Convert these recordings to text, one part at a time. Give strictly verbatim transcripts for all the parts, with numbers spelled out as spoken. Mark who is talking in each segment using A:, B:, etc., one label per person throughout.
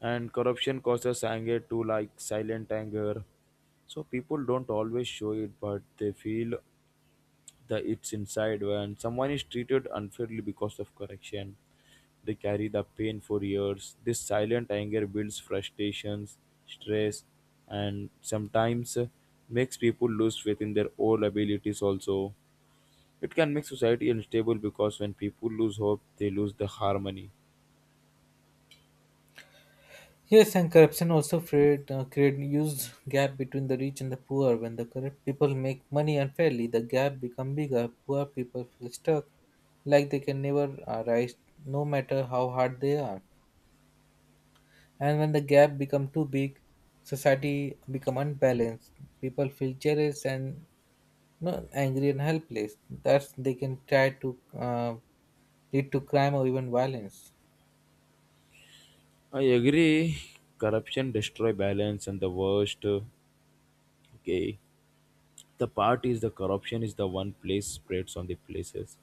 A: And corruption causes anger too, like silent anger. So people don't always show it, but they feel that it's inside. When someone is treated unfairly because of corruption, they carry the pain for years. This silent anger builds frustrations, stress, and sometimes uh, makes people lose faith in their own abilities also. It can make society unstable because when people lose hope, they lose the harmony.
B: Yes, and corruption also create, uh, create huge gap between the rich and the poor. When the corrupt people make money unfairly, the gap become bigger. Poor people feel stuck, like they can never uh, rise, no matter how hard they are. And when the gap become too big, society become unbalanced. People feel jealous and no, angry and helpless. That's they can try to uh, lead to crime or even violence.
A: I agree. Corruption destroy balance, and the worst. uh, Okay, the part is the corruption is the one place spreads on the places.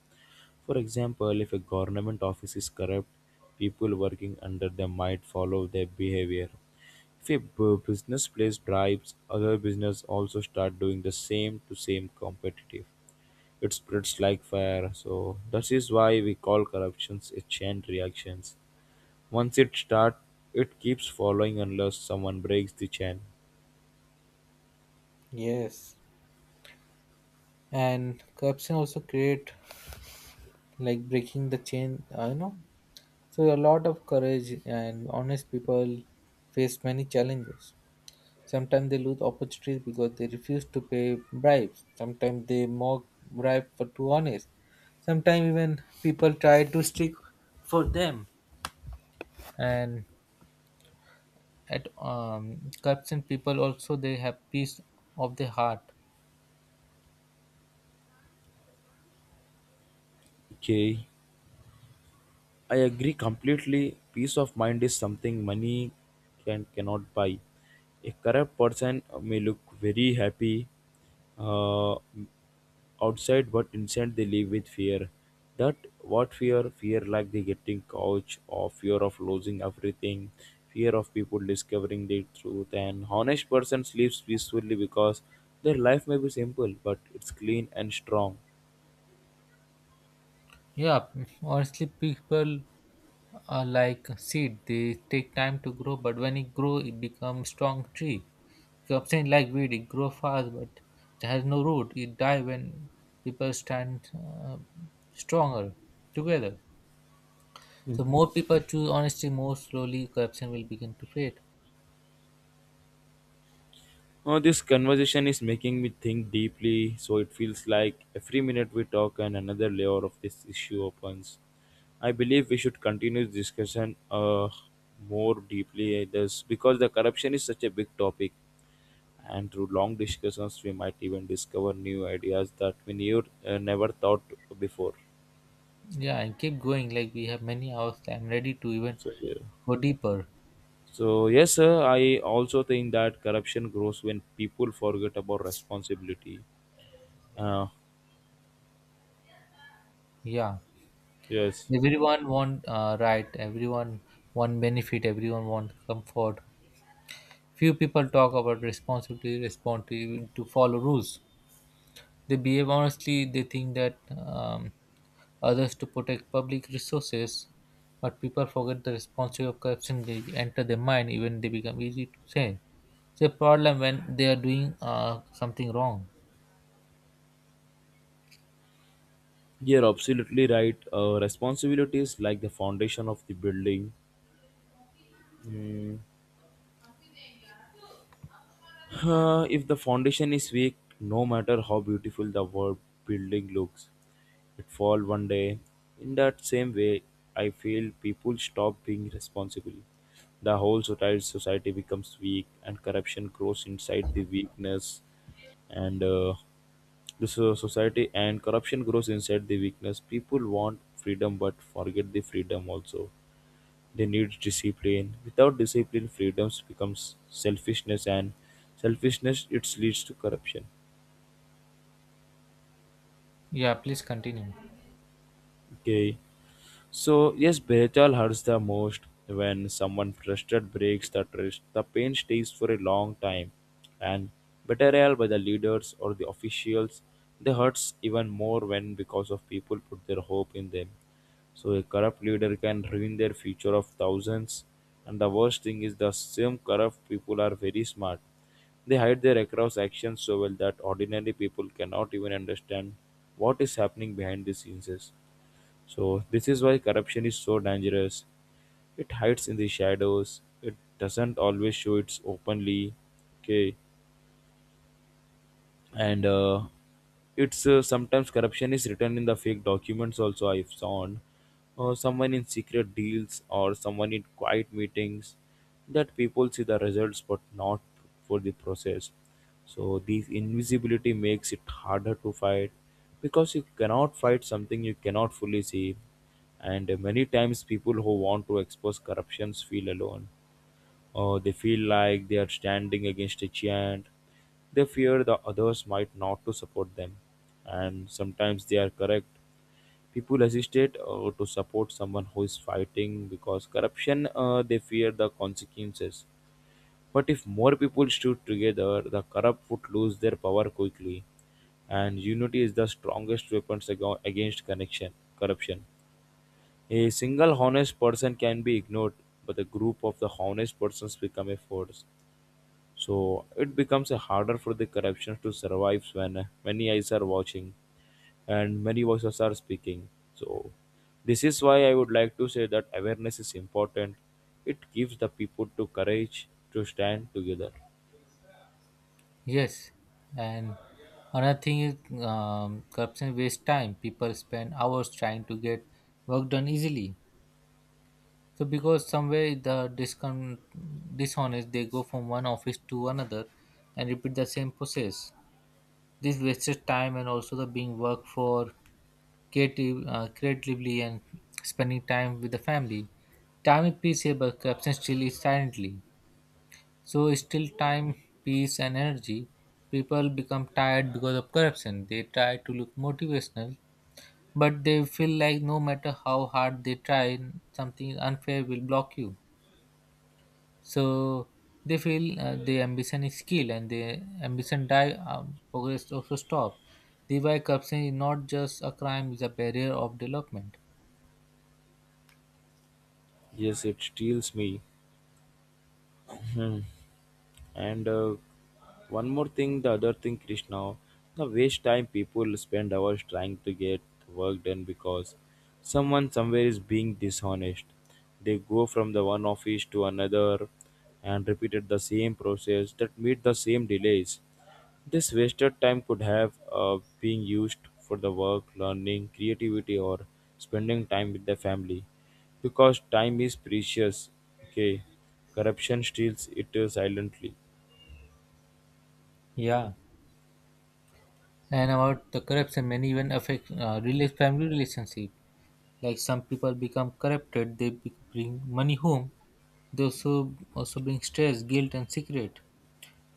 A: For example, if a government office is corrupt, people working under them might follow their behavior. If a bu- business place bribes, other business also start doing the same to same competitive. It spreads like fire. So that is why we call corruptions a chain reaction. Once it starts, it keeps following unless someone breaks the chain.
B: Yes, and corruption also create like breaking the chain uh, you know so a lot of courage and honest people face many challenges, sometimes they lose opportunities because they refuse to pay bribes, sometimes they mock bribe for too honest, sometimes even people try to stick for them. And at um corruption people also they have peace of the heart.
A: Okay. I agree completely. Peace of mind is something money can cannot buy. A corrupt person may look very happy uh, outside, but inside they live with fear. That what fear? Fear like they getting couch, or fear of losing everything, fear of people discovering the truth. And honest person sleeps peacefully because their life may be simple, but it's clean and strong.
B: Yeah, honestly people are like seed, they take time to grow, but when it grow it becomes strong tree. Something like weed, it grows fast but it has no root. It die when people stand uh, stronger together. So more people choose honesty, more slowly corruption will begin to fade.
A: Oh, this conversation is making me think deeply, so it feels like every minute we talk and another layer of this issue opens. I believe we should continue this discussion uh, more deeply this, because the corruption is such a big topic and through long discussions we might even discover new ideas that we knew, uh, never thought before.
B: Yeah, and keep going. Like we have many hours. I'm ready to even
A: So, yeah.
B: go deeper.
A: So yes, sir, I also think that corruption grows when people forget about responsibility. Uh,
B: Yeah,
A: yes.
B: everyone want uh, right. Everyone want benefit. Everyone want comfort. Few people talk about responsibility, respond to to follow rules. They behave honestly. They think that. Um, others to protect public resources, but people forget the responsibility of corruption. They enter their mind even they become easy to change. It's a problem when they are doing uh, something wrong.
A: You're absolutely right. Uh, responsibilities like the foundation of the building. Mm. Uh, if the foundation is weak, no matter how beautiful the world building looks, it fall one day. In that same way, I feel people stop being responsible. The whole society society becomes weak, and corruption grows inside the weakness. And uh, the so- society and corruption grows inside the weakness. People want freedom, but forget the freedom also. They need discipline. Without discipline, freedoms becomes selfishness, and selfishness it leads to corruption.
B: Yeah, please continue.
A: Okay, so yes, betrayal hurts the most when someone trusted breaks the trust. The pain stays for a long time, and betrayal by the leaders or the officials, they hurts even more when because of people put their hope in them. So a corrupt leader can ruin their future of thousands. And the worst thing is the same corrupt people are very smart. They hide their across actions so well that ordinary people cannot even understand what is happening behind the scenes. So this is why corruption is so dangerous. It hides in the shadows. It doesn't always show its openly. Okay. And uh, it's uh, sometimes corruption is written in the fake documents also I've found uh, someone in secret deals or someone in quiet meetings that people see the results but not for the process. So this invisibility makes it harder to fight because you cannot fight something you cannot fully see. And many times people who want to expose corruptions feel alone. Uh, they feel like they are standing against a giant. They fear the others might not to support them, and sometimes they are correct. People hesitate uh, to support someone who is fighting because corruption. Uh, they fear the consequences. But if more people stood together, the corrupt would lose their power quickly, and unity is the strongest weapon against connection corruption. A single honest person can be ignored, but a group of the honest persons become a force. So it becomes a harder for the corruptions to survive when uh, many eyes are watching and many voices are speaking. So this is why I would like to say that awareness is important. It gives the people to courage to stand together.
B: Yes, and another thing is um, corruption wastes time. People spend hours trying to get work done easily. So because somewhere the discon- dishonest, they go from one office to another and repeat the same process. This wasted time and also the being worked for creative, uh, creatively and spending time with the family. Time is peace, but absence still is silently. So it's still time, peace and energy. People become tired because of corruption. They try to look motivational, but they feel like no matter how hard they try, something unfair will block you. So they feel uh, the ambition is skill and the ambition die um, progress also stop. The thereby corruption is not just a crime, it's a barrier of development.
A: Yes, it steals me. And uh, one more thing, the other thing, Krishna, the waste time people spend hours trying to get work done because someone somewhere is being dishonest. They go from the one office to another and repeated the same process that meet the same delays. This wasted time could have uh, been used for the work, learning, creativity, or spending time with the family because time is precious. Okay, corruption steals it uh, silently.
B: Yeah, and about the corruption many even affect uh, rela- family relationship, like some people become corrupted, they be- bring money home, they also also bring stress, guilt and secret.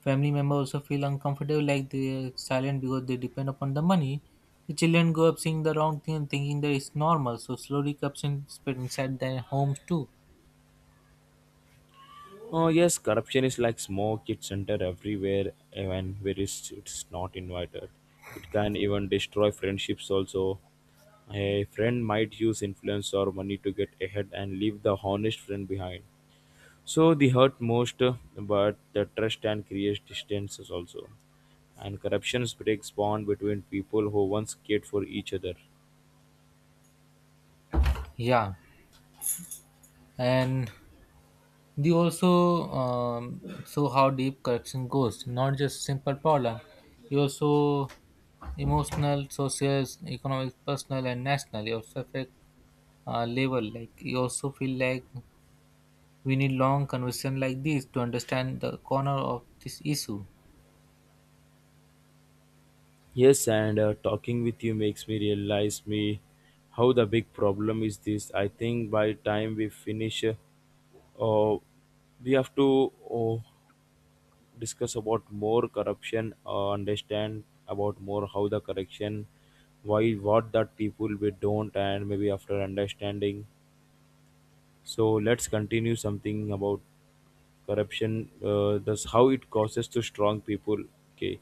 B: Family members also feel uncomfortable, like they're silent because they depend upon the money. The children grow up seeing the wrong thing and thinking that it's normal, so slowly comes in spread inside their homes too.
A: Oh yes, corruption is like smoke. It's entered everywhere, even where it's, it's not invited. It can even destroy friendships. Also, a friend might use influence or money to get ahead and leave the honest friend behind. So the hurt most, uh, but the trust and creates distances also. And corruption breaks bond between people who once cared for each other.
B: Yeah, and they also um, show how deep corruption goes, not just simple problem. You also emotional, social, economic, personal, and national. You also affect uh, level. Like you also feel like we need long conversation like this to understand the corner of this issue.
A: Yes, and uh, talking with you makes me realize me how the big problem is this. I think by time we finish, uh, uh, we have to uh, discuss about more corruption, uh, understand about more how the correction, why what that people we don't, and maybe after understanding so let's continue something about corruption, uh, thus how it causes to strong people, okay,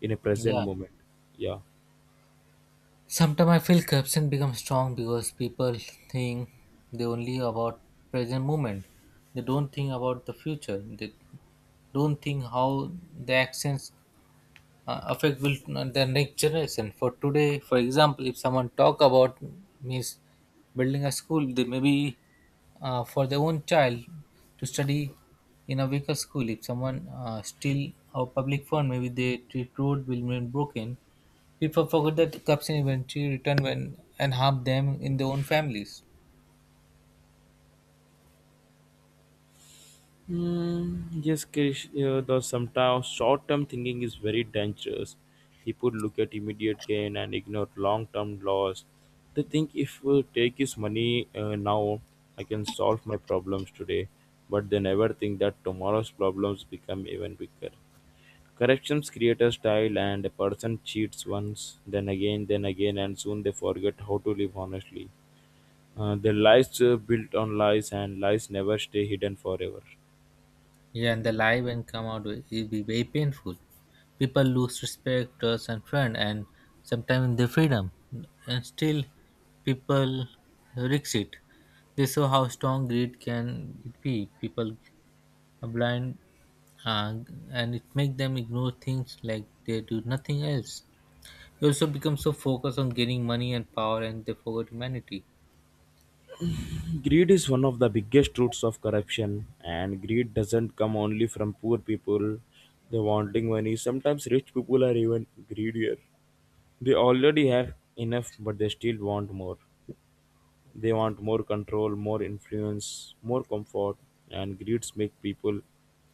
A: in a present
B: Yeah.
A: moment. Yeah.
B: Sometimes I feel corruption becomes strong because people think they only about present moment. They don't think about the future. They don't think how the actions uh, affect will uh, the next generation. For today, for example, if someone talk about means building a school, they maybe uh, for their own child to study in a weaker school. If someone uh, steal our public fund, maybe they treat road will remain broken. People forget that cups can eventually return when and harm them in their own families.
A: Mm, yes, Krish, uh, though sometimes short term thinking is very dangerous. People look at immediate gain and ignore long term loss. They think if we take his money uh, now, I can solve my problems today, but they never think that tomorrow's problems become even bigger. Corrections create a style, and a person cheats once, then again, then again, and soon they forget how to live honestly. Uh, their lives uh, built on lies, and lies never stay hidden forever.
B: Yeah, and the lie when come out will it'll be very painful. People lose respect, trust, and friend, and sometimes their freedom. And still, people risk it. They saw how strong greed can it be. People are blind, uh, and it make them ignore things like they do nothing else. They also become so focused on gaining money and power, and they forget humanity.
A: Greed is one of the biggest roots of corruption, and greed doesn't come only from poor people. They wanting money. Sometimes rich people are even greedier. They already have enough, but they still want more. They want more control, more influence, more comfort, and greeds make people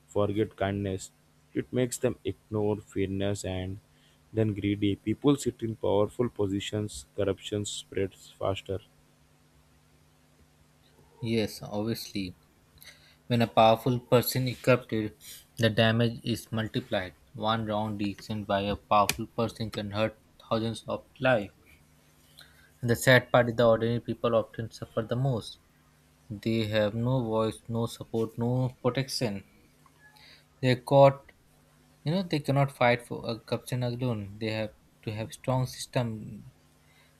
A: forget kindness. It makes them ignore fairness and then greedy. People sit in powerful positions, corruption spreads faster.
B: Yes, obviously. When a powerful person is captured, the damage is multiplied. One wrong decision by a powerful person can hurt thousands of lives. And the sad part is the ordinary people often suffer the most. They have no voice, no support, no protection. They're caught, you know, they cannot fight for a corruption alone. They have to have strong system.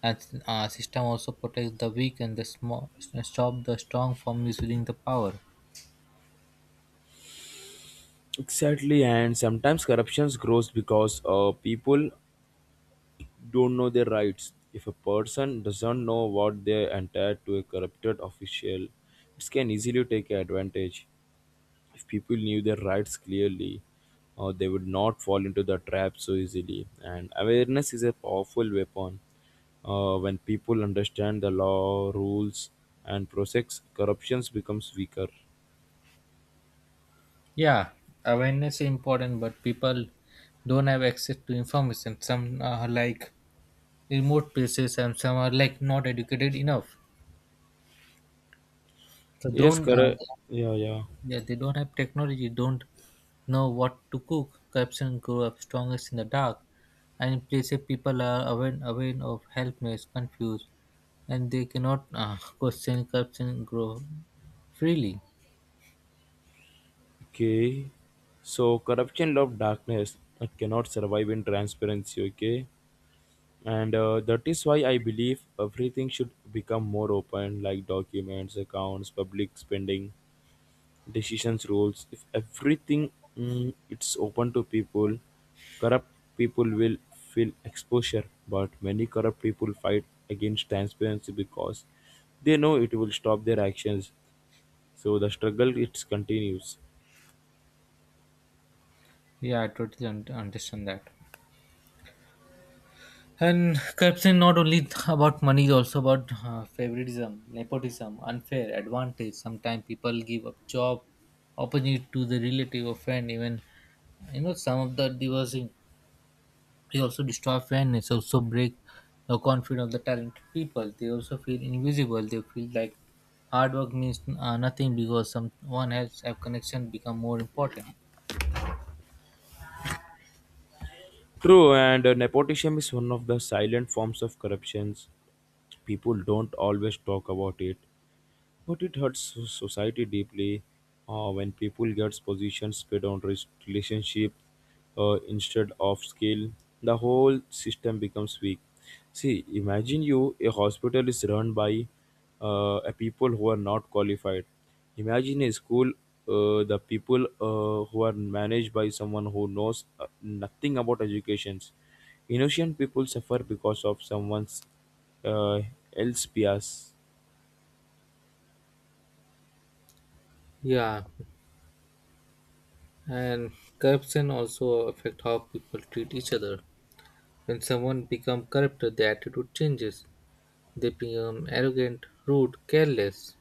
B: And uh, system also protects the weak and the small, stop the strong from misusing the power.
A: Exactly, and sometimes corruption grows because uh, people don't know their rights. If a person doesn't know what they're entitled to a corrupted official, it can easily take advantage. If people knew their rights clearly, uh, they would not fall into the trap so easily. And awareness is a powerful weapon. Uh, when people understand the law, rules, and process, corruptions becomes weaker.
B: Yeah, awareness is important, but people don't have access to information. Some are like remote places, and some are like not educated enough. So
A: Yes,
B: don't
A: correct.
B: uh,
A: Yeah, yeah.
B: yeah, they don't have technology. Don't know what to cook. Corruption grow up strongest in the dark, and in places people are aware aware of helpless, confused, and they cannot uh, question corruption grow freely.
A: Okay. So corruption love darkness that cannot survive in transparency, okay? And uh, that is why I believe everything should become more open, like documents, accounts, public spending, decisions, rules. If everything mm, it's open to people, corrupt people will feel exposure. But many corrupt people fight against transparency because they know it will stop their actions. So the struggle it continues.
B: Yeah, I totally un- understand that. And corruption not only about money, it's also about uh, favoritism, nepotism, unfair advantage. Sometimes people give up job, opportunity to the relative or friend. Even you know some of the divorcing, they also destroy fairness, also break the confidence of the talented people. They also feel invisible. They feel like hard work means uh, nothing because someone else have connection become more important.
A: True, and uh, nepotism is one of the silent forms of corruptions. People don't always talk about it, but it hurts so- society deeply uh, when people get positions paid on res- relationship uh, instead of skill. The whole system becomes weak. See, imagine you a hospital is run by uh, a people who are not qualified. Imagine a school, uh, the people uh, who are managed by someone who knows uh, nothing about educations. Innocent people suffer because of someone's uh, else bias.
B: Yeah, and corruption also affect how people treat each other. When someone becomes corrupt, their attitude changes. They become arrogant, rude, careless.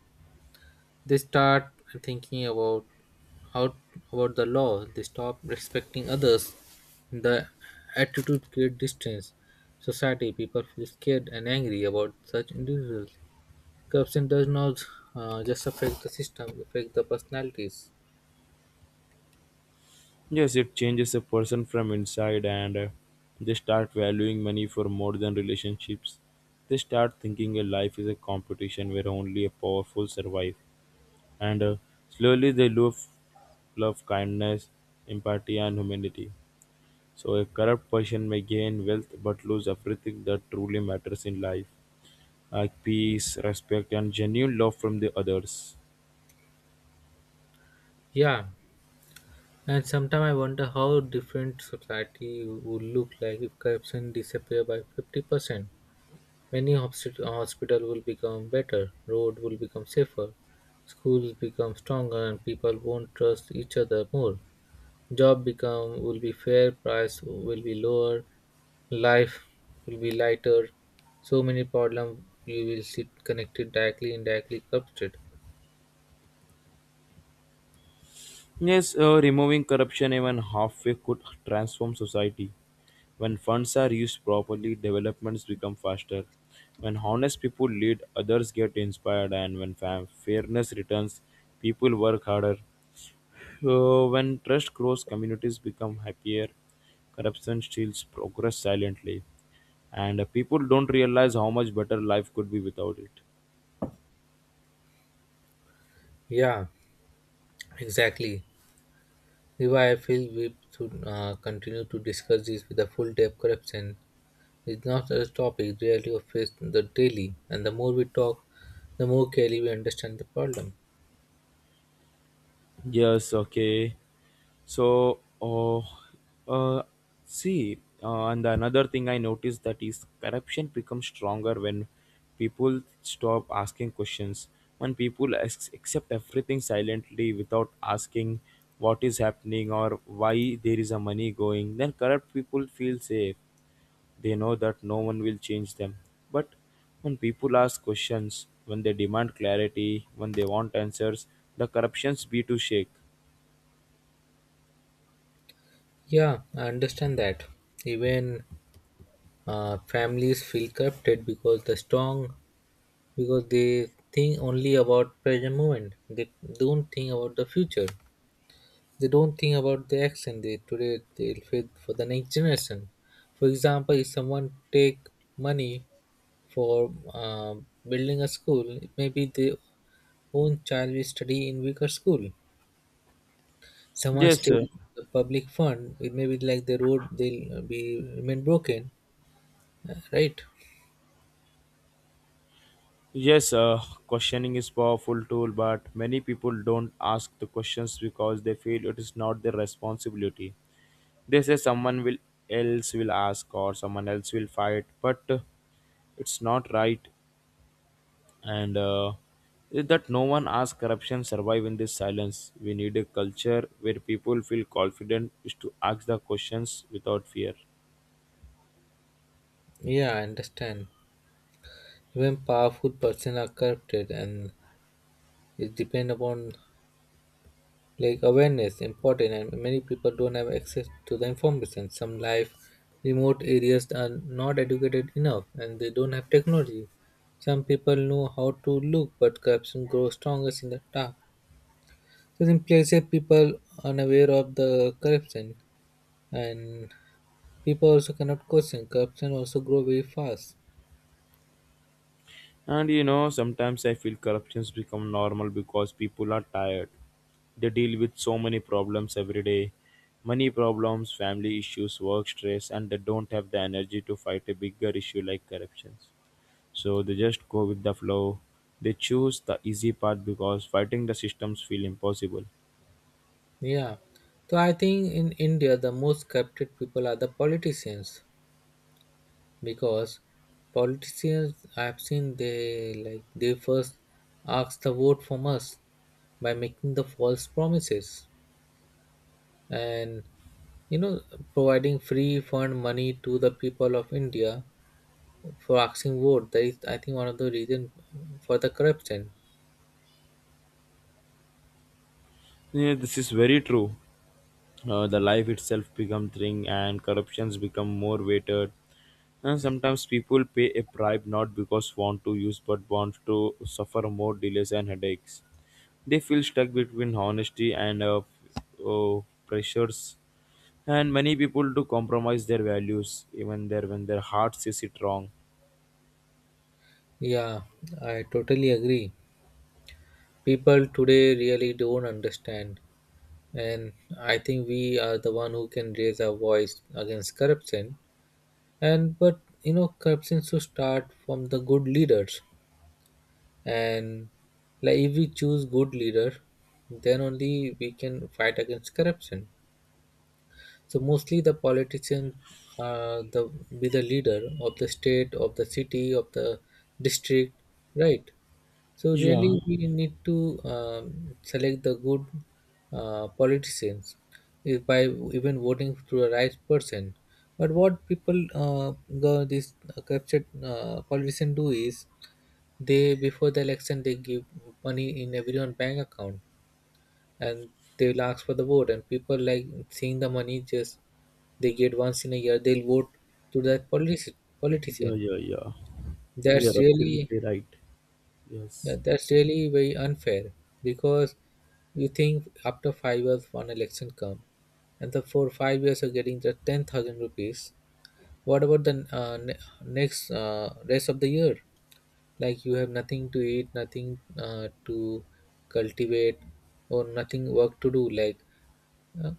B: They start thinking about how about the law. They stop respecting others. The attitude creates distance. Society people feel scared and angry about such individuals. Corruption does not uh, just affect the system; it affects the personalities.
A: Yes, it changes a person from inside, and uh, they start valuing money for more than relationships. They start thinking a life is a competition where only a powerful survive, and uh, slowly they lose love, kindness, empathy, and humanity. So, a corrupt person may gain wealth but lose everything that truly matters in life, like peace, respect, and genuine love from the others.
B: Yeah, and sometimes I wonder how different society would look like if corruption disappeared by fifty percent. Many hospi- hospital will become better, road will become safer, schools become stronger, and people won't trust each other more. Job become will be fair, price will be lower, life will be lighter. So many problems you will see connected directly, indirectly corrupted.
A: Yes, uh, removing corruption even halfway could transform society. When funds are used properly, developments become faster. When honest people lead, others get inspired, and when fa- fairness returns, people work harder. Uh, when trust grows, communities become happier. Corruption steals progress silently, and uh, people don't realize how much better life could be without it.
B: Yeah, exactly. This is why I feel we should uh, continue to discuss this with a full depth corruption. It's not a topic rarely faced in the daily, and the more we talk, the more clearly we understand the problem.
A: Yes, okay. So, uh, uh, see, uh, and another thing I noticed that is corruption becomes stronger when people stop asking questions. When people as- accept everything silently without asking what is happening or why there is a money going, then corrupt people feel safe. They know that no one will change them. But when people ask questions, when they demand clarity, when they want answers, the corruptions be to shake.
B: Yeah, I understand that. Even uh, families feel corrupted because the strong, because they think only about present moment. They don't think about the future. They don't think about the action they today they'll face for the next generation. For example, if someone take money for uh, building a school, maybe they own child will study in weaker school. Someone
A: Yes,
B: steal
A: uh,
B: the public fund, it may be like the road they'll be remain broken, uh, right?
A: yes, uh, questioning is powerful tool, but many people don't ask the questions because they feel it is not their responsibility. They say someone will else will ask or someone else will fight, but uh, it's not right. And uh, is that no one asks corruption survive in this silence. We need a culture where people feel confident is to ask the questions without fear.
B: Yeah, I understand. Even powerful person are corrupted, and it depend upon like awareness important, and many people don't have access to the information. Some life remote areas are not educated enough, and they don't have technology. Some people know how to look, but corruption grows strongest in the dark. So in places people unaware of the corruption and people also cannot question. Corruption also grow very fast.
A: And you know, sometimes I feel corruptions become normal because people are tired. They deal with so many problems every day. Money problems, family issues, work stress, and they don't have the energy to fight a bigger issue like corruptions. So they just go with the flow. They choose the easy path because fighting the systems feel impossible.
B: Yeah. So I think in India the most corrupted people are the politicians because politicians I have seen they like they first ask the vote from us by making the false promises and you know providing free fund money to the people of India for asking vote. That is, I think, one of the reason for the corruption.
A: Yeah, this is very true. Uh, the life itself becomes thing and corruptions become more weighted. And sometimes people pay a bribe not because want to use but want to suffer more delays and headaches. They feel stuck between honesty and uh, uh, pressures. And many people do compromise their values even there when their heart says it wrong.
B: Yeah, I totally agree. People today really don't understand, and I think we are the one who can raise our voice against corruption. And but you know, corruption should start from the good leaders, and like if we choose good leader, then only we can fight against corruption. So mostly the politician uh, the be the leader of the state, of the city, of the district, right? So really
A: Yeah,
B: we need to um, select the good uh, politicians is by even voting through a right person. But what people uh, go this captured uh, politician do is they before the election they give money in everyone bank account and they will ask for the vote and people like seeing the money just they get once in a year they'll vote to that politi-
A: yeah,
B: politician.
A: yeah, yeah.
B: That's
A: You're
B: really
A: absolutely right.
B: yeah,
A: Yes.
B: that's really very unfair because you think after five years one election come and the for five years are getting the ten thousand rupees, what about the uh, ne- next uh, rest of the year, like you have nothing to eat, nothing uh, to cultivate or nothing work to do, like uh,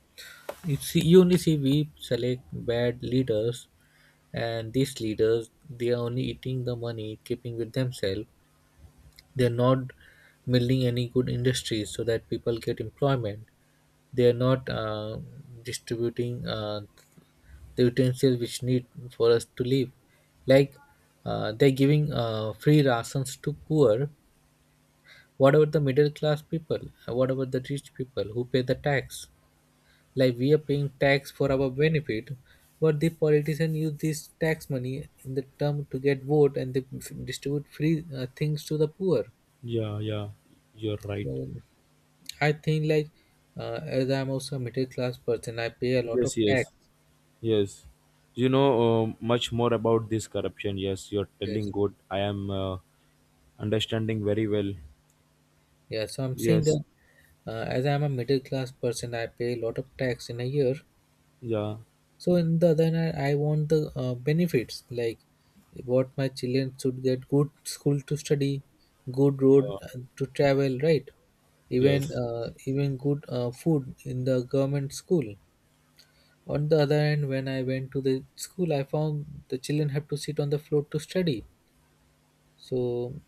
B: it's unity we select bad leaders and these leaders they are only eating the money, keeping with themselves. They're not building any good industries so that people get employment. They are not uh, distributing uh, the utensils which need for us to live. Like uh, they're giving uh, free rations to poor. What about the middle class people? What about the rich people who pay the tax? Like we are paying tax for our benefit, but the politician use this tax money in the term to get vote, and they f- distribute free uh, things to the poor.
A: Yeah, yeah. You're right.
B: So I think, like, uh, as I'm also a middle class person, I pay a lot of
A: Yes, yes,
B: tax.
A: yes. You know uh, much more about this corruption. Yes, you're telling
B: Yes,
A: good. I am. Uh, understanding very well.
B: yeah. So I'm saying
A: Yes,
B: that, uh, as I'm a middle class person, I pay a lot of tax in a year.
A: yeah,
B: So, in the other hand, I want the uh, benefits, like what my children should get. Good school to study, good road
A: yeah,
B: uh, to travel, right? even
A: yes,
B: uh, even good uh, food in the government school. On the other hand, when I went to the school, I found the children have to sit on the floor to study. So,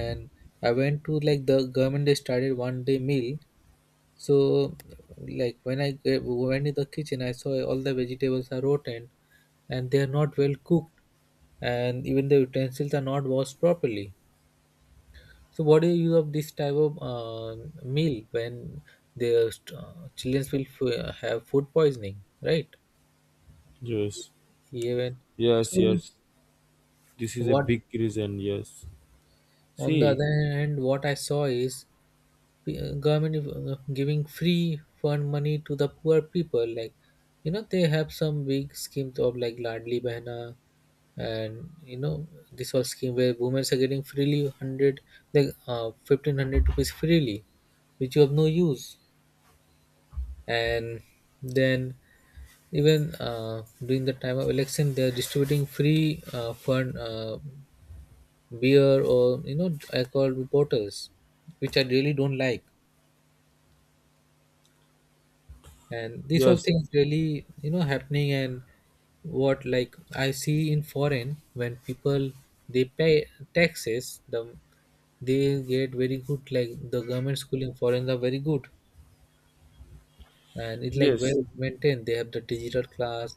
B: and I went to, like, the government, they started one day meal. So, like when I g- went in the kitchen, I saw all the vegetables are rotten, and they are not well cooked, and even the utensils are not washed properly. So, what do you use of this type of uh, meal, when their st- uh, children will f- have food poisoning, right?
A: yes,
B: Even.
A: yes,
B: So,
A: yes. This is a
B: what?
A: big reason. Yes.
B: On the
A: See,
B: other hand, what I saw is, uh, government is, uh, giving free fund money to the poor people. Like, you know they have some big schemes of, like, ladli behna. And, you know this whole scheme where women are getting freely one hundred, like uh, fifteen hundred rupees freely, which you have no use. And then, even uh, during the time of election, they are distributing free uh, fund, uh, beer, or you know alcohol bottles, which I really don't like. And these all
A: yes,
B: things really, you know happening. And what, like, I see in foreign: when people, they pay taxes, the they get very good, like the government school in foreign are very good, and it's like
A: yes,
B: well maintained. They have the digital class,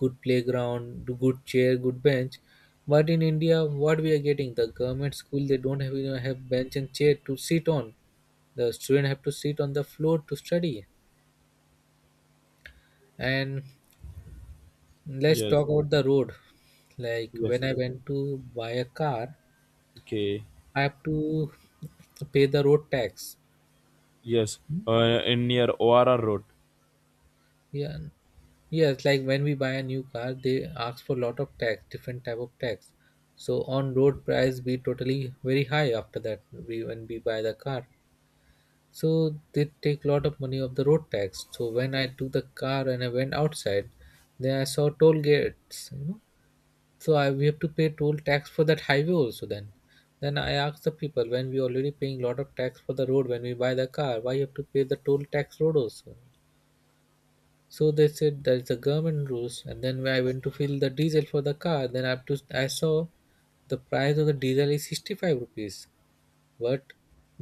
B: good playground, good chair, good bench. But in India, what we are getting, the government school, they don't have even have bench and chair to sit on. The student have to sit on the floor to study. And let's
A: yes,
B: talk about the road. Like
A: yes,
B: when
A: yes.
B: I went to buy a car,
A: Okay,
B: I have to pay the road tax.
A: yes. Uh, in near O R R road.
B: Yeah, yes. Like when we buy a new car, they ask for a lot of tax, different type of tax. So on road price be totally very high after that. We, when we buy the car, so they take a lot of money of the road tax. So when I took the car and I went outside, then I saw toll gates. You know, So I, we have to pay toll tax for that highway also, then. Then I asked the people, when we already paying lot of tax for the road when we buy the car, why you have to pay the toll tax road also? So they said that is the government rules. And then when I went to fill the diesel for the car, then I have to I saw the price of the diesel is sixty five rupees, but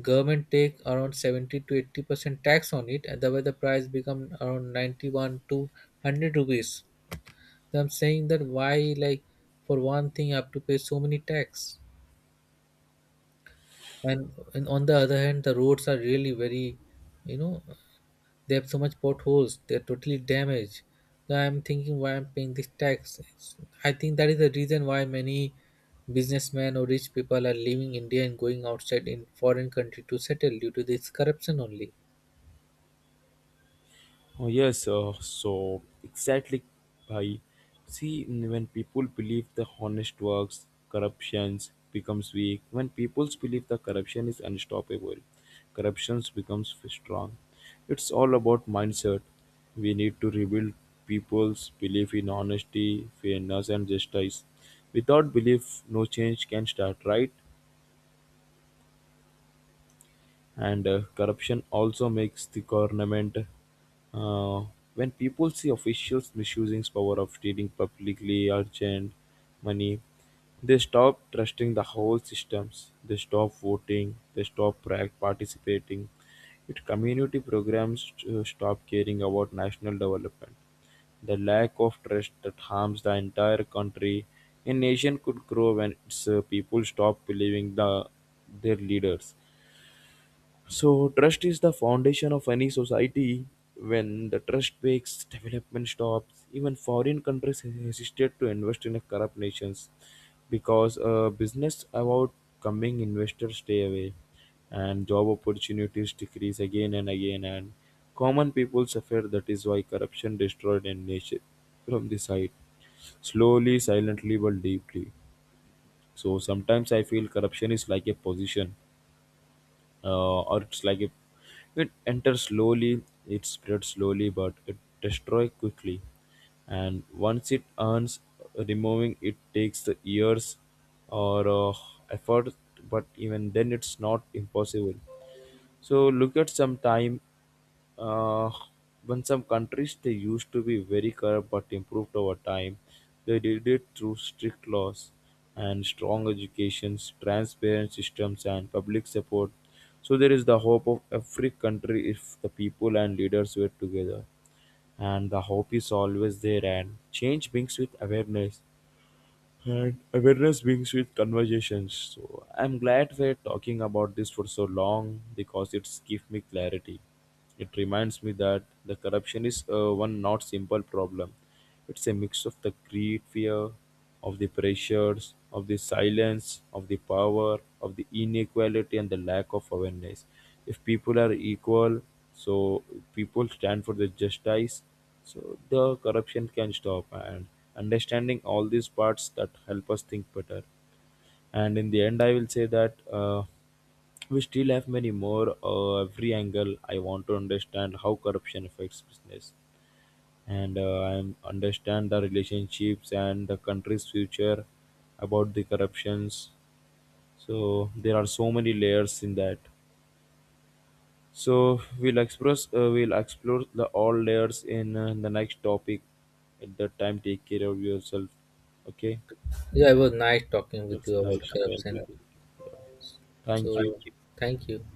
B: government take around seventy to eighty percent tax on it, and the way the price become around ninety one to one hundred rupees. I'm saying that, why, like, for one thing I have to pay so many tax, and and on the other hand, the roads are really very, you know, they have so much potholes. They're totally damaged. So I'm thinking why I'm paying this tax. It's- I think that is the reason why many businessmen or rich people are leaving India and going outside in foreign country to settle, due to this corruption only.
A: Oh, yes, uh, so exactly, Bhai. See, when people believe the honest works, corruptions becomes weak. When people believe the corruption is unstoppable, corruptions becomes strong. It's all about mindset. We need to rebuild people's belief in honesty, fairness, and justice. Without belief, no change can start, right? And uh, corruption also makes the government uh, when people see officials misusing power of stealing publicly urgent money, they stop trusting the whole systems, they stop voting, they stop pra- participating it community programs, uh, stop caring about national development. The lack of trust that harms the entire country. A nation could grow when its uh, people stop believing the their leaders. So, trust is the foundation of any society. When the trust breaks, development stops. Even foreign countries hesitate to invest in corrupt nations because uh, business about coming investors stay away and job opportunities decrease again and again, and common people suffer. That is why corruption destroyed a nation from the side, slowly, silently, but deeply. So sometimes I feel corruption is like a position, uh, or it's like it, it enters slowly, it spreads slowly, but it destroys quickly. And once it earns, removing it takes the years or uh, effort, but even then it's not impossible. So look at some time, uh, when some countries they used to be very corrupt but improved over time, they did it through strict laws and strong educations, transparent systems, and public support. So there is the hope of every country if the people and leaders were together. And the hope is always there, and change brings with awareness, and awareness brings with conversations. So I'm glad we're talking about this for so long because it's give me clarity. It reminds me that the corruption is uh, one not simple problem. It's a mix of the greed, fear, of the pressures, of the silence, of the power, of the inequality, and the lack of awareness. If people are equal, so people stand for the justice, so the corruption can stop, and understanding all these parts that help us think better. And in the end, I will say that uh, we still have many more uh, every angle. I want to understand how corruption affects business, and uh, I am- understand the relationships and the country's future about the corruptions. So there are so many layers in that. So we'll express uh, we'll explore the all layers in uh, the next topic. At that time, take care of yourself. Okay.
B: Yeah, it was nice talking with
A: That's
B: you
A: a
B: about
A: nice talk you
B: corruption.
A: too. Thank
B: So,
A: you.
B: thank you.